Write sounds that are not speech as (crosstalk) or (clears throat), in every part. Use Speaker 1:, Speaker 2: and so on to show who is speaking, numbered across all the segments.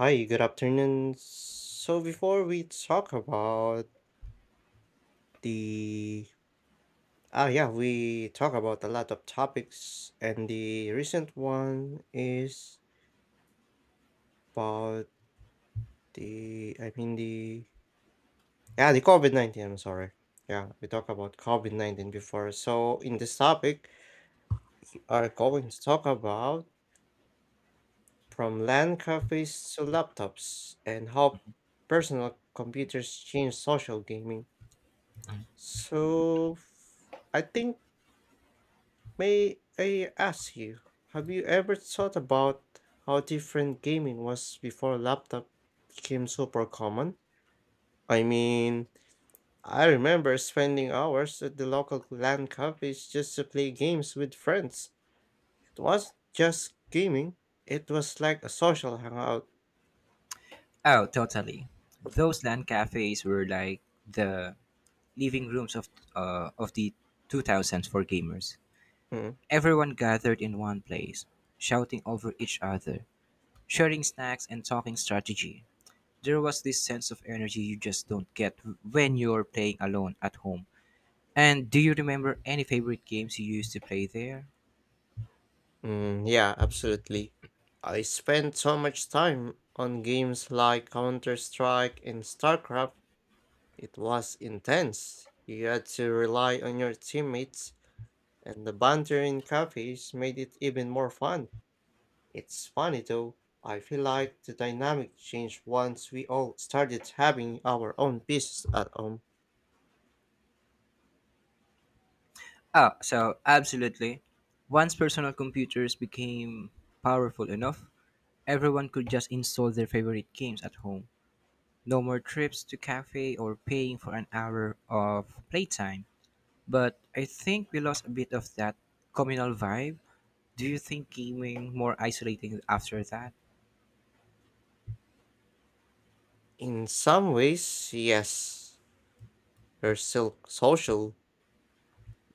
Speaker 1: Hi, good afternoon. So before we talk about the yeah, we talk about a lot of topics, and the recent one is about the I mean the yeah, the COVID-19, I'm sorry. Yeah, we talk about COVID-19 before. So in this topic, we are going to talk about from land cafes to laptops and how personal computers change social gaming. So I think May I ask you, have you ever thought about how different gaming was before laptop became super common? I mean, I remember spending hours at the local LAN cafes just to play games with friends. It wasn't just gaming, it was like a social hangout.
Speaker 2: Oh, totally. Those land cafes were like the living rooms of the 2000s for gamers.
Speaker 1: Mm,
Speaker 2: Everyone gathered in one place, shouting over each other, sharing snacks and talking strategy. There was this sense of energy you just don't get when you're playing alone at home. And do you remember any favorite games you used to play there?
Speaker 1: yeah, absolutely. I spent so much time on games like Counter Strike and StarCraft. It was intense. You had to rely on your teammates, and the banter in cafes made it even more fun. It's funny though, I feel like the dynamic changed once we all started having our own business at home.
Speaker 2: Oh, so absolutely. Once personal computers became powerful enough, everyone could just install their favorite games at home. No more trips to cafe or paying for an hour of playtime. But I think we lost a bit of that communal vibe. Do you think gaming more isolating after that?
Speaker 1: In some ways, yes, you're still social,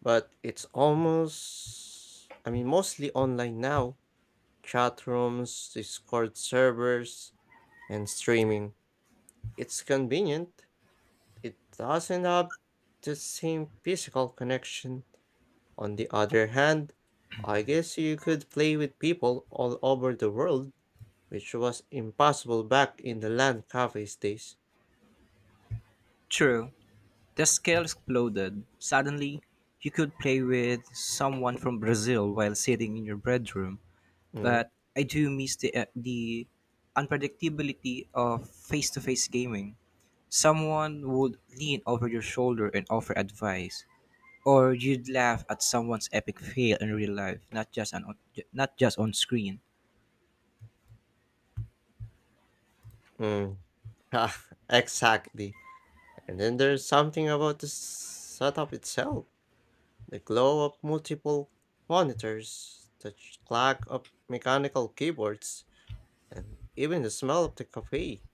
Speaker 1: but it's almost, mostly online now. Chat rooms, Discord servers, and streaming. It's convenient. It doesn't have the same physical connection. On the other hand, I guess you could play with people all over the world, which was impossible back in the land cafes days.
Speaker 2: True. The scale exploded. Suddenly, you could play with someone from Brazil while sitting in your bedroom,
Speaker 1: Mm,
Speaker 2: but I do miss the unpredictability of face-to-face gaming. Someone would lean over your shoulder and offer advice, or you'd laugh at someone's epic fail in real life, not just on screen.
Speaker 1: mm. (laughs) ah, exactly. And then there's something about the setup itself. The glow of multiple monitors, the clack of mechanical keyboards, and even the smell of the cafe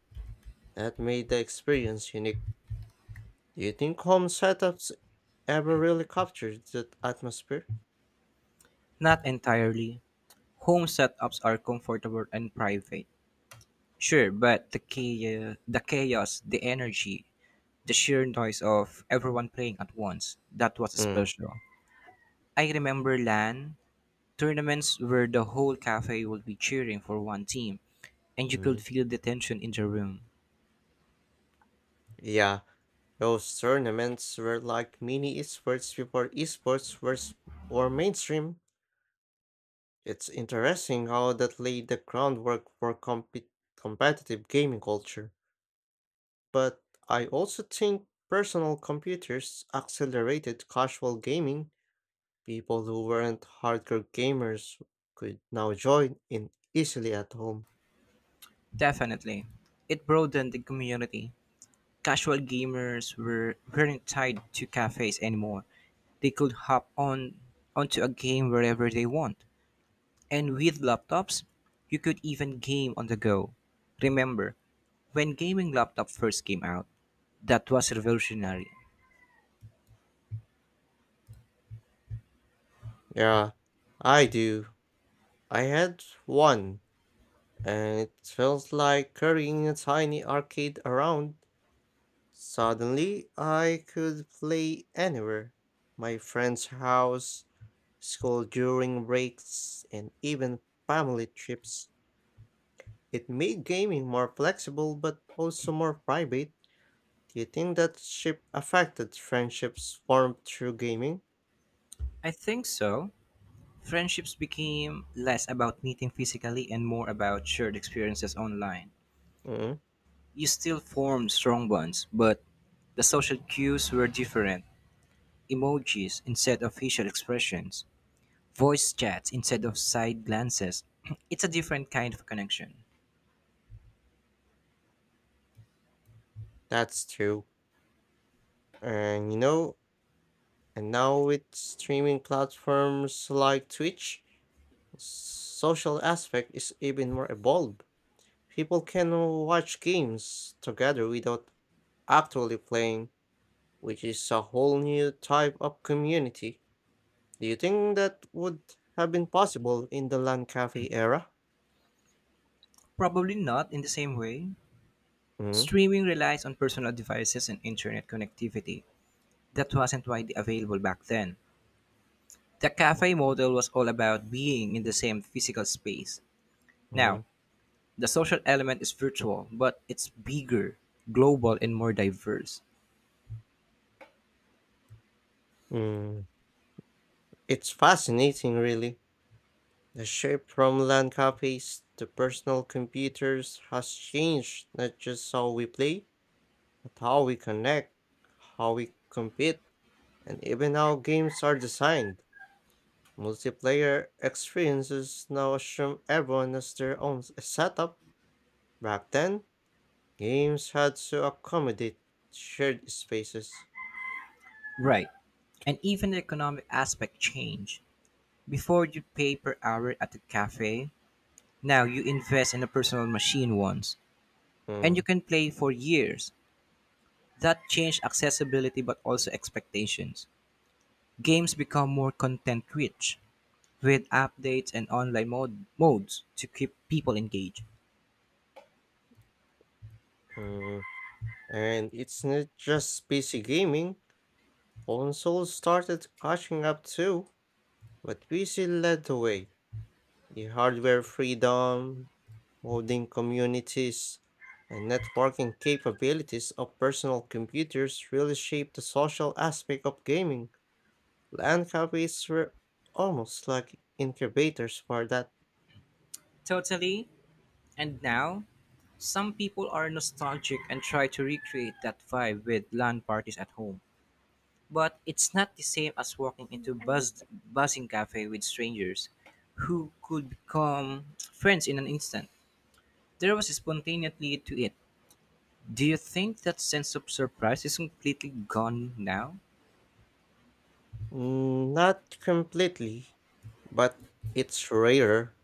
Speaker 1: that made the experience unique. Do you think home setups ever really captured that atmosphere?
Speaker 2: Not entirely. Home setups are comfortable and private, sure, but the chaos, the energy, the sheer noise of everyone playing at once, that was
Speaker 1: Mm.
Speaker 2: special. I remember LAN tournaments where the whole cafe would be cheering for one team, and you could
Speaker 1: Mm.
Speaker 2: feel the tension in the room.
Speaker 1: Yeah, those tournaments were like mini esports before were mainstream. It's interesting how that laid the groundwork for competitive gaming culture. But I also think personal computers accelerated casual gaming. People who weren't hardcore gamers could now join in easily at home.
Speaker 2: Definitely. It broadened the community. Casual gamers were weren't tied to cafes anymore. They could hop on onto a game wherever they want. And with laptops, you could even game on the go. Remember, when gaming laptop first came out, that was revolutionary.
Speaker 1: Yeah, I do. I had one, and it felt like carrying a tiny arcade around. Suddenly, I could play anywhere, my friend's house, school during breaks, and even family trips. It made gaming more flexible but also more private. Do you think that ship affected friendships formed through gaming?
Speaker 2: I think so. Friendships became less about meeting physically and more about shared experiences online.
Speaker 1: Mm,
Speaker 2: You still formed strong bonds, but the social cues were different. Emojis instead of facial expressions, voice chats instead of side glances. (clears throat) It's a different kind of connection.
Speaker 1: that's true. And you know, and now with streaming platforms like Twitch, social aspect is even more evolved. People can watch games together without actually playing, which is a whole new type of community. Do you think that would have been possible in the LAN cafe era?
Speaker 2: Probably not in the same way.
Speaker 1: Mm,
Speaker 2: Streaming relies on personal devices and internet connectivity. That wasn't widely available back then. The cafe model was all about being in the same physical space.
Speaker 1: mm,
Speaker 2: Now, the social element is virtual, but it's bigger, global, and more diverse.
Speaker 1: mm. It's fascinating, really. The shift from LAN cafes to personal computers has changed not just how we play, but how we connect, how we compete, and even how games are designed. Multiplayer experiences now assume everyone has their own setup. Back then, games had to accommodate shared spaces.
Speaker 2: Right. And even the economic aspect change. Before you pay per hour at a cafe, now you invest in a personal machine once, and you
Speaker 1: Mm,
Speaker 2: can play for years. That changed accessibility but also expectations. Games become more content rich with updates and online modes to keep people engaged.
Speaker 1: mm. And it's not just PC gaming, consoles started catching up too, but PC led the way. The hardware freedom, modding communities, and networking capabilities of personal computers really shaped the social aspect of gaming. LAN cafes were almost like incubators for that.
Speaker 2: Totally. And now some people are nostalgic and try to recreate that vibe with LAN parties at home, but it's not the same as walking into buzzing cafe with strangers who could become friends in an instant. There was spontaneity to it. Do you think that sense of surprise is completely gone now?
Speaker 1: Mm, not completely, but it's rarer.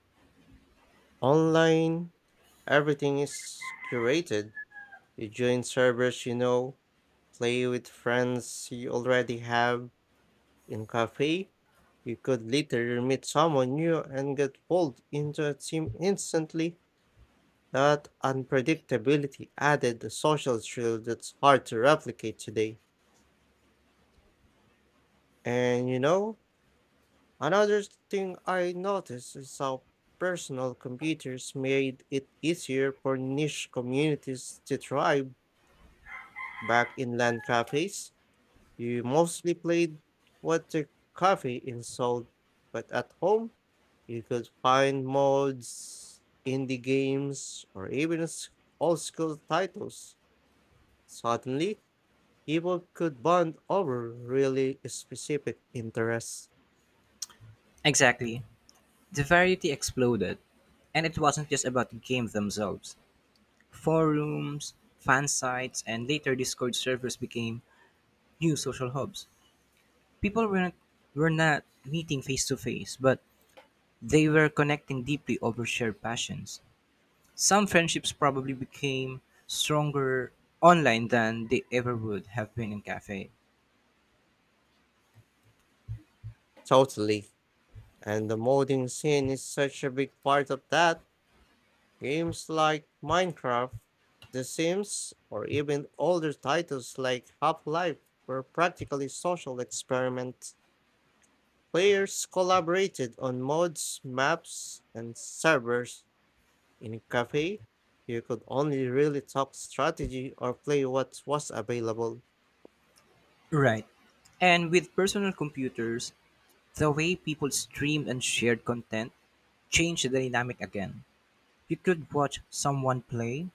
Speaker 1: Online, everything is curated. You join servers you know, play with friends you already have. In cafe, you could literally meet someone new and get pulled into a team instantly. That unpredictability added a social thrill that's hard to replicate today. And you know, another thing I noticed is how personal computers made it easier for niche communities to thrive. Back in land cafes, you mostly played water coffee in Seoul, but at home, you could find mods, indie games, or even old school titles. Suddenly, people could bond over really specific interests.
Speaker 2: Exactly. The variety exploded, and it wasn't just about the games themselves. Forums, fan sites, and later Discord servers became new social hubs. People were not meeting face to face, but they were connecting deeply over shared passions. Some friendships probably became stronger online than they ever would have been in cafe.
Speaker 1: Totally. And the modding scene is such a big part of that. Games like Minecraft, The Sims, or even older titles like Half Life were practically social experiments. Players collaborated on mods, maps, and servers. In cafe, you could only really talk strategy or play what was available.
Speaker 2: Right. And with personal computers, the way people streamed and shared content changed the dynamic again. You could watch someone play,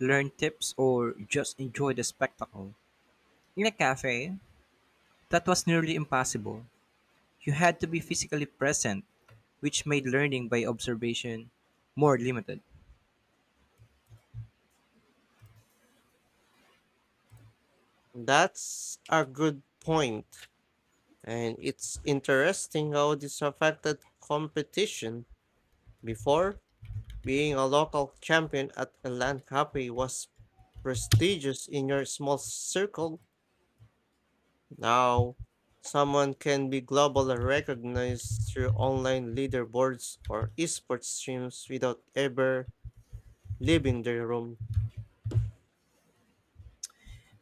Speaker 2: learn tips, or just enjoy the spectacle. In a cafe, that was nearly impossible. You had to be physically present, which made learning by observation more limited.
Speaker 1: That's a good point, and it's interesting how this affected competition. Before, being a local champion at a LAN cafe was prestigious in your small circle. Now, someone can be globally recognized through online leaderboards or esports streams without ever leaving their room.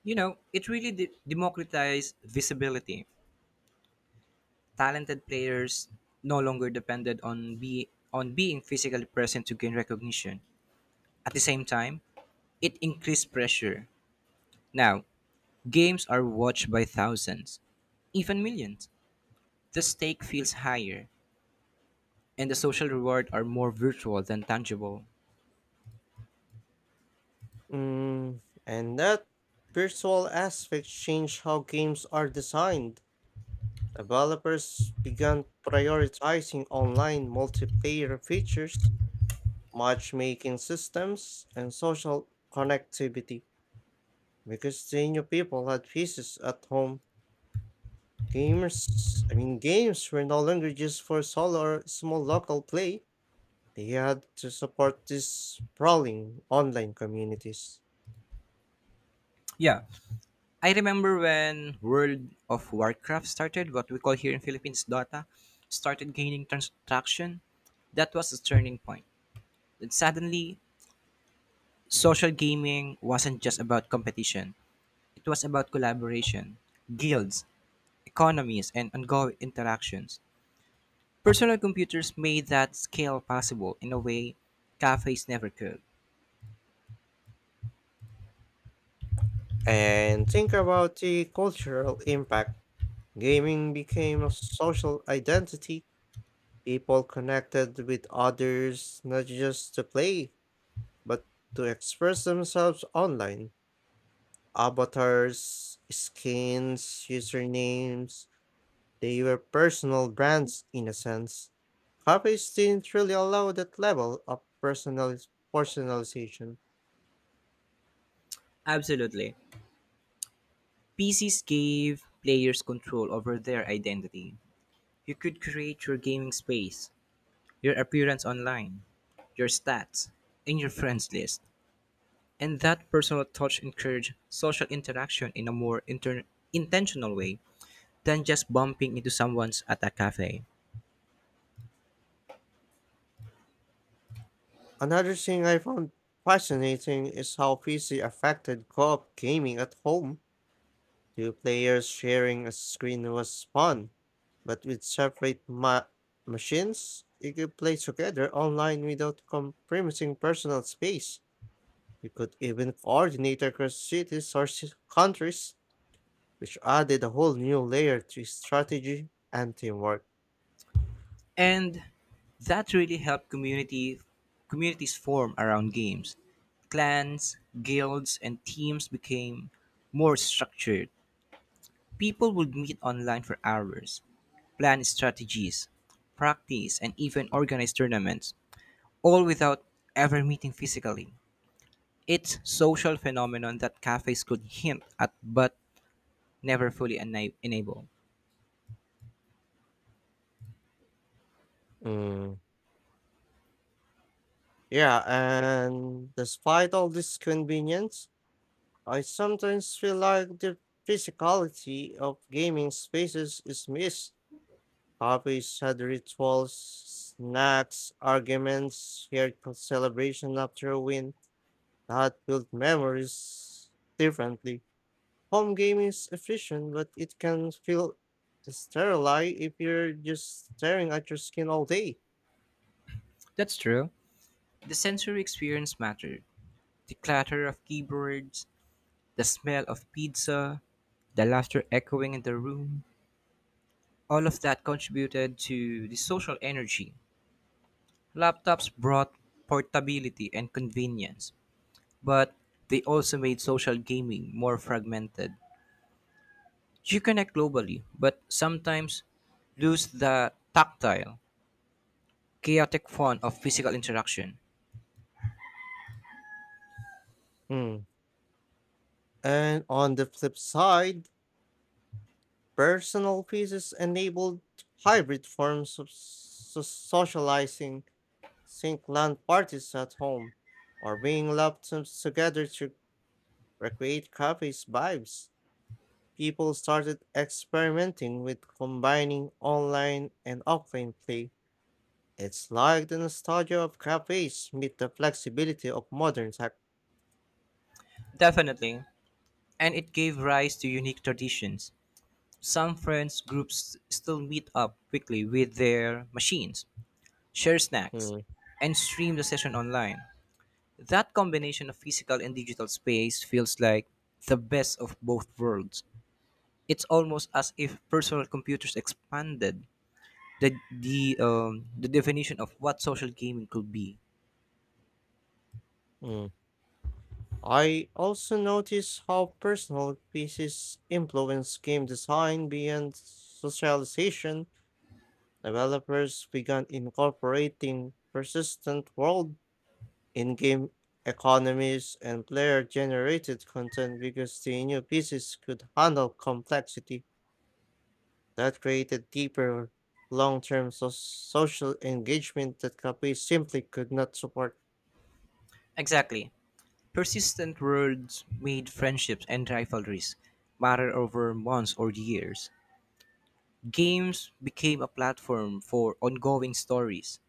Speaker 2: You know, it really democratized visibility. Talented players no longer depended on be on being physically present to gain recognition. At the same time, it increased pressure. Now, games are watched by thousands, even millions. The stake feels higher, and the social reward are more virtual than tangible.
Speaker 1: Mm, and that virtual aspect changed how games are designed. Developers began prioritizing online multiplayer features, matchmaking systems, and social connectivity because they knew people had pieces at home. Games were no longer just for solo or small local play. They had to support these sprawling online communities.
Speaker 2: Yeah, I remember when World of Warcraft started, what we call here in Philippines Dota, started gaining traction. That was a turning point. And suddenly, social gaming wasn't just about competition. It was about collaboration, guilds, economies, and ongoing interactions. Personal computers made that scale possible in a way cafes never could.
Speaker 1: And think about the cultural impact. Gaming became a social identity. People connected with others, not just to play, but to express themselves online. Avatars, skins, usernames, they were personal brands in a sense. Cafes didn't really allow that level of personalization.
Speaker 2: Absolutely. PCs gave players control over their identity. You could create your gaming space, your appearance online, your stats, and your friends list. And that personal touch encourage social interaction in a more intentional way than just bumping into someone's at a cafe.
Speaker 1: Another thing I found fascinating is how PC affected co-op gaming at home. Two players sharing a screen was fun, but with separate machines, you could play together online without compromising personal space. You could even coordinate across cities or countries, which added a whole new layer to strategy and teamwork.
Speaker 2: And that really helped community communities form around games. Clans, guilds, and teams became more structured. People would meet online for hours, plan strategies, practice, and even organize tournaments, all without ever meeting physically. It's social phenomenon that cafes could hint at but never fully enable.
Speaker 1: Mm, Yeah, and despite all this convenience, I sometimes feel like the physicality of gaming spaces is missed. Cafes had rituals, snacks, arguments, shared celebration after a win that built memories differently. Home game is efficient, but it can feel sterile if you're just staring at your screen all day.
Speaker 2: That's true. The sensory experience mattered. The clatter of keyboards, the smell of pizza, the laughter echoing in the room, all of that contributed to the social energy. Laptops brought portability and convenience, but they also made social gaming more fragmented. You connect globally, but sometimes lose the tactile, chaotic fun of physical interaction.
Speaker 1: Hmm. And on the flip side, personal pieces enabled hybrid forms of socializing. Think land parties at home, or being laptops together to recreate cafes vibes. People started experimenting with combining online and offline play. It's like the nostalgia of cafes meet the flexibility of modern tech.
Speaker 2: Definitely. And it gave rise to unique traditions. Some friends groups still meet up quickly with their machines, share snacks,
Speaker 1: Mm,
Speaker 2: and stream the session online. That combination of physical and digital space feels like the best of both worlds. It's almost as if personal computers expanded the definition of what social gaming could be.
Speaker 1: mm. I also notice how personal pieces influence game design beyond socialization. Developers began incorporating persistent world in game economies and player generated content because the new pieces could handle complexity. That created deeper, social engagement that Capri simply could not support.
Speaker 2: Exactly. Persistent words made friendships and rivalries matter over months or years. Games became a platform for ongoing stories.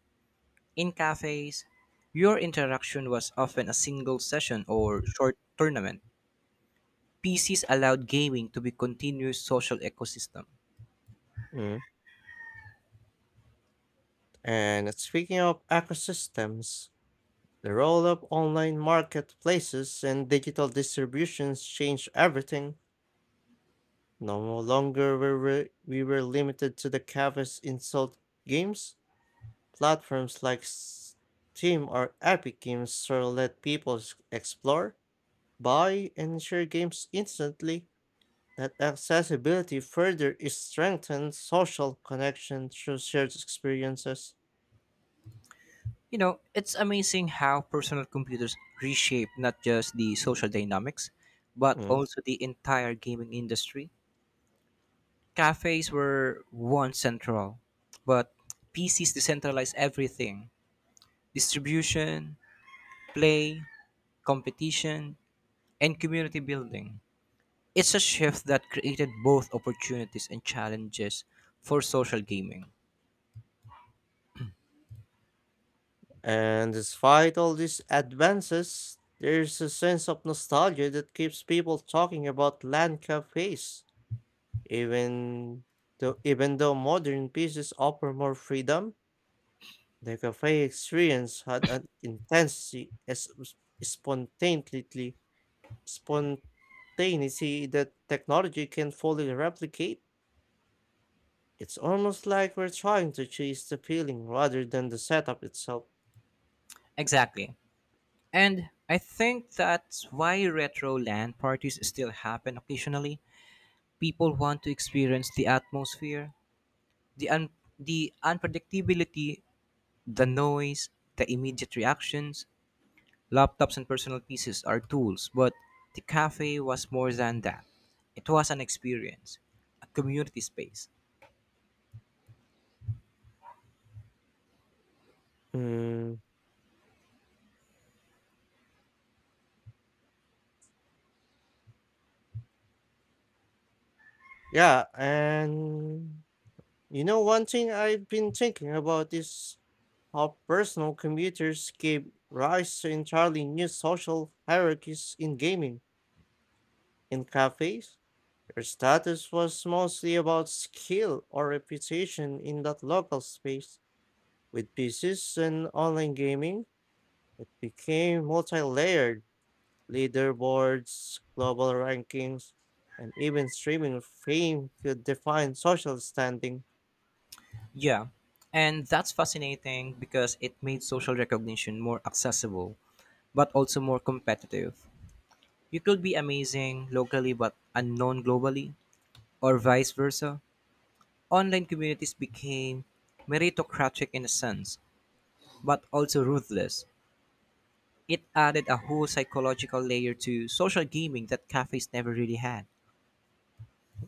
Speaker 2: In cafes, your interaction was often a single session or short tournament. PCs allowed gaming to be continuous social ecosystem.
Speaker 1: Mm. And speaking of ecosystems, the role of online marketplaces and digital distributions changed everything. No longer we were limited to the cafes insult games. Platforms like Steam or Epic Games sort of let people explore, buy, and share games instantly. That accessibility further is strengthens social connection through shared experiences.
Speaker 2: You know, it's amazing how personal computers reshape not just the social dynamics, but
Speaker 1: Mm.
Speaker 2: also the entire gaming industry. Cafes were once central, but PCs decentralized everything: distribution, play, competition, and community building. It's a shift that created both opportunities and challenges for social gaming.
Speaker 1: And despite all these advances, there's a sense of nostalgia that keeps people talking about land cafes. Even even though modern pieces offer more freedom, the cafe experience had an intensity as spontaneity, spontaneity that technology can fully replicate. It's almost like we're trying to chase the feeling rather than the setup itself.
Speaker 2: Exactly. And I think that's why retro LAN parties still happen occasionally. People want to experience the atmosphere, the un- the unpredictability, the noise, the immediate reactions. Laptops and personal pieces are tools, but the cafe was more than that. It was an experience, a community space.
Speaker 1: Mm, yeah, and one thing I've been thinking about is how personal computers gave rise to entirely new social hierarchies in gaming. In cafes, their status was mostly about skill or reputation in that local space. With PCs and online gaming, it became multi layered, leaderboards, global rankings, and even streaming fame could define social standing.
Speaker 2: Yeah, and that's fascinating because it made social recognition more accessible, but also more competitive. You could be amazing locally but unknown globally, or vice versa. Online communities became meritocratic in a sense, but also ruthless. It added a whole psychological layer to social gaming that cafes never really had.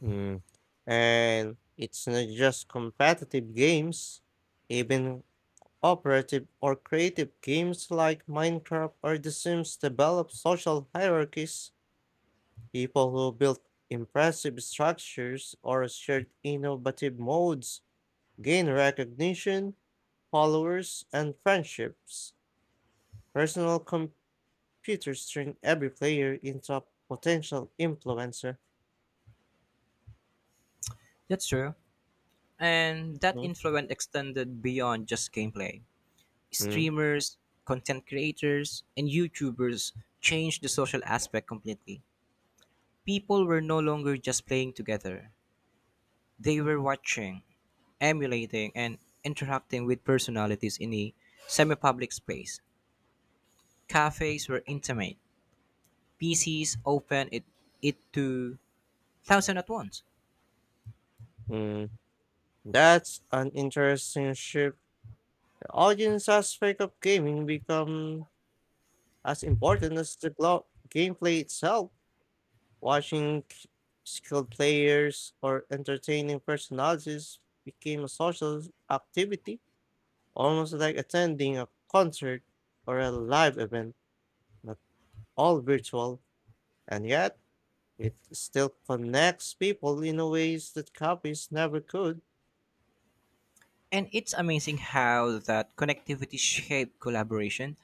Speaker 1: Mm. And it's not just competitive games, even operative or creative games like Minecraft or The Sims develop social hierarchies. People who build impressive structures or shared innovative modes gain recognition, followers, and friendships. Personal computers turn every player into a potential influencer.
Speaker 2: That's true. And that
Speaker 1: Mhm.
Speaker 2: influence extended beyond just gameplay.
Speaker 1: Mm,
Speaker 2: Streamers, content creators, and YouTubers changed the social aspect completely. People were no longer just playing together, they were watching, emulating, and interacting with personalities in a semi public space. Cafes were intimate. PCs open it, to thousand at once.
Speaker 1: mm. That's an interesting shift. The audience aspect of gaming become as important as the gameplay itself. Watching skilled players or entertaining personalities became a social activity, almost like attending a concert or a live event, not all virtual. And yet, it still connects people in a ways that copies never could.
Speaker 2: And it's amazing how that connectivity shaped collaboration.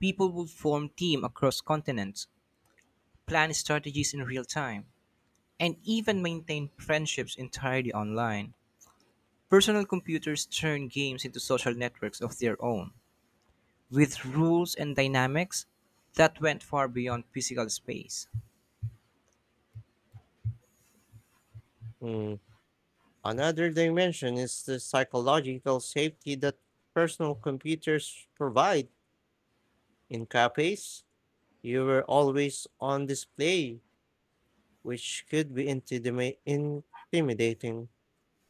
Speaker 2: People would form teams across continents, plan strategies in real time, and even maintain friendships entirely online. Personal computers turned games into social networks of their own, with rules and dynamics that went far beyond physical space.
Speaker 1: Mm. Another dimension is the psychological safety that personal computers provide. In copies, you were always on display, which could be intimidating.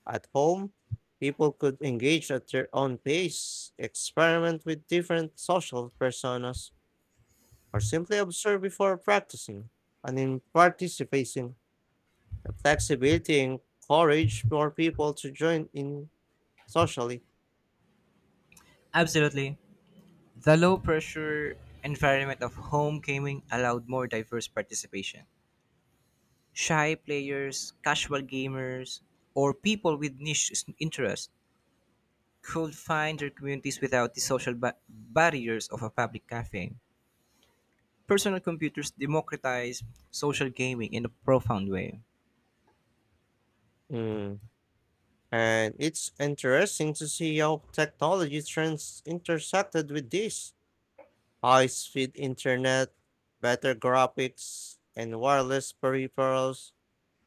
Speaker 1: At home, people could engage at their own pace, experiment with different social personas, or simply observe before practicing and in participating. The flexibility encourage more people to join in socially.
Speaker 2: Absolutely. The low pressure environment of home gaming allowed more diverse participation. Shy players, casual gamers, or people with interests could find their communities without the social barriers of a public cafe. Personal computers democratized social gaming in a profound way.
Speaker 1: Mm. And it's interesting to see how technology trends intersected with this. High-speed internet, better graphics, and wireless peripherals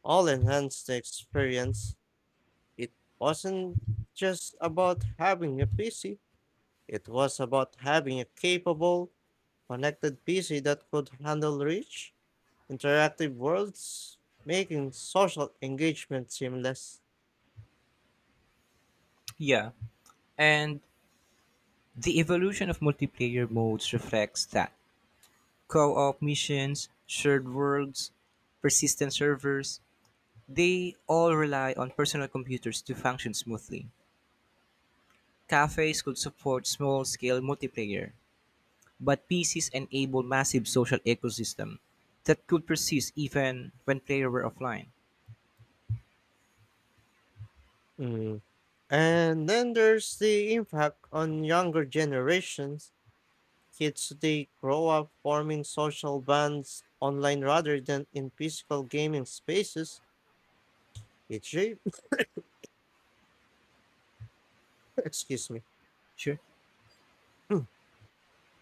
Speaker 1: all enhance the experience. It wasn't just about having a PC. It was about having a capable, connected PC that could handle reach interactive worlds, making social engagement seamless.
Speaker 2: Yeah, and the evolution of multiplayer modes reflects that. Co op missions, shared worlds, persistent servers, they all rely on personal computers to function smoothly. Cafes could support small-scale multiplayer, but PCs enable massive social ecosystem that could persist even when players were offline.
Speaker 1: Mm. And then there's the impact on younger generations. Kids today grow up forming social bonds online rather than in physical gaming spaces. It shapes, (coughs) excuse me,
Speaker 2: Sure,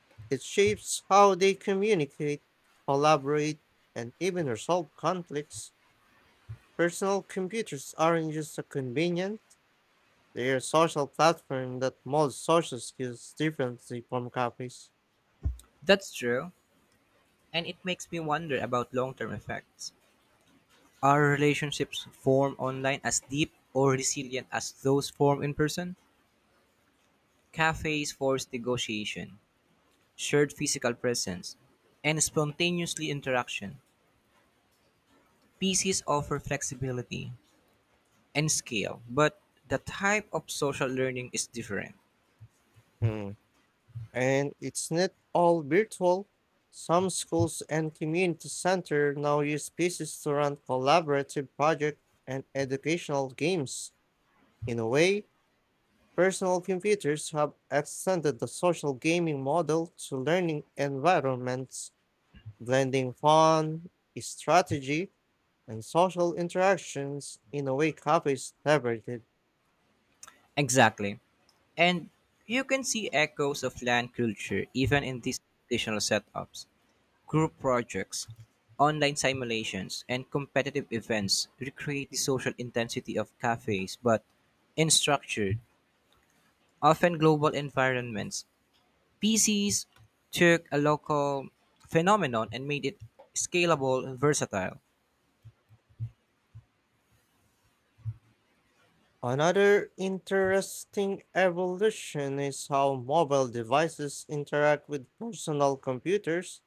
Speaker 1: (clears throat) it shapes how they communicate, collaborate, and even resolve conflicts. Personal computers aren't just a convenience, they're a social platform that molds social skills differently from cafes.
Speaker 2: that's true, and it makes me wonder about long-term effects. Are relationships formed online as deep or resilient as those formed in person? Cafes force negotiation, shared physical presence, and spontaneously interaction. PCs offer flexibility and scale, but the type of social learning is different.
Speaker 1: Mm. And it's not all virtual. Some schools and community centers now use pieces to run collaborative projects and educational games. In a way, personal computers have extended the social gaming model to learning environments, blending fun, strategy, and social interactions in a way cafes never did.
Speaker 2: Exactly. And you can see echoes of LAN culture even in these traditional setups. Group projects, online simulations, and competitive events recreate the social intensity of cafes, but in structured, often global environments. PCs took a local phenomenon and made it scalable and versatile.
Speaker 1: Another interesting evolution is how mobile devices interact with personal computers.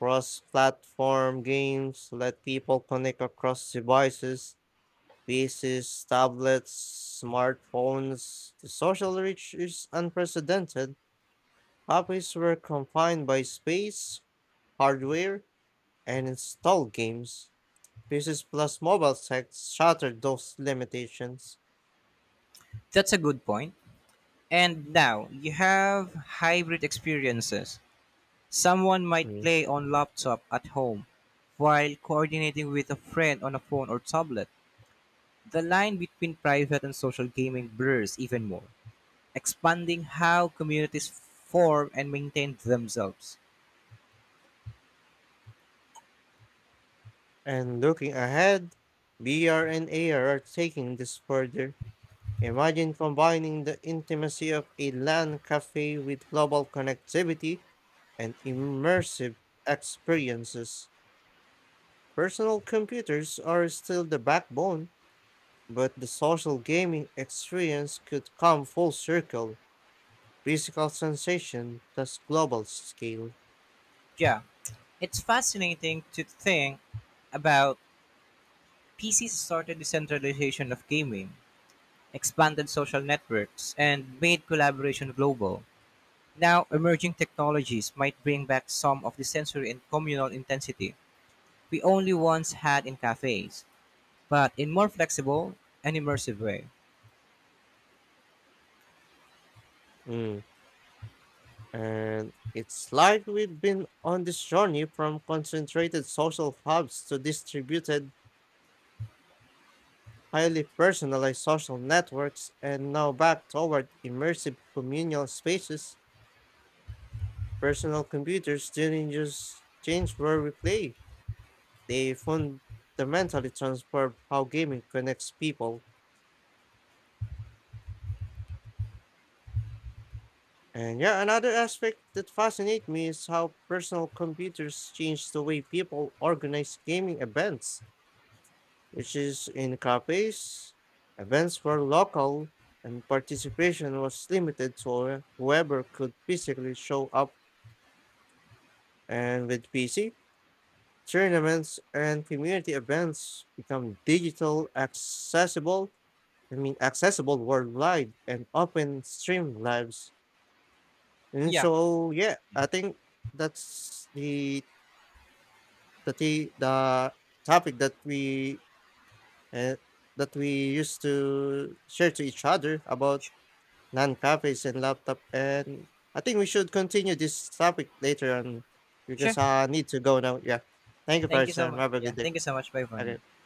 Speaker 1: Cross platform games let people connect across devices, PCs, tablets, smartphones. The social reach is unprecedented. Copies were confined by space, hardware, and installed games. PCs plus mobile tech shattered those limitations.
Speaker 2: That's a good point. And now you have hybrid experiences. Someone might play on laptop at home while coordinating with a friend on a phone or tablet. The line between private and social gaming blurs even more, expanding how communities form and maintain themselves.
Speaker 1: And looking ahead, Br and AR are taking this further. Imagine combining the intimacy of a LAN cafe with global connectivity and immersive experiences. Personal computers are still the backbone, but the social gaming experience could come full circle. Physical sensation plus global scale.
Speaker 2: Yeah, it's fascinating to think about PCs started decentralization of gaming, expanded social networks, and made collaboration global. Now, emerging technologies might bring back some of the sensory and communal intensity we only once had in cafes, but in more flexible and immersive way.
Speaker 1: Mm. And it's like we've been on this journey from concentrated social hubs to distributed, highly personalized social networks, and now back toward immersive communal spaces. Personal computers didn't just change where we play, they fundamentally transform how gaming connects people. And yeah, another aspect that fascinates me is how personal computers change the way people organize gaming events, which is in cafes, events were local, and participation was limited to whoever could physically show up. And with PC, tournaments and community events become digital, accessible, accessible worldwide and open stream lives. And
Speaker 2: Yeah,
Speaker 1: so, yeah, I think that's the topic that uh, we used to share to each other about
Speaker 2: sh-
Speaker 1: Non-cafes and laptop, and I think we should continue this topic later on because
Speaker 2: sure.
Speaker 1: I need to go now. Yeah. Thank you for
Speaker 2: Thank
Speaker 1: your
Speaker 2: you so
Speaker 1: time.
Speaker 2: much.
Speaker 1: Have a
Speaker 2: Yeah,
Speaker 1: good day.
Speaker 2: thank you so much. Bye for now.
Speaker 1: Okay.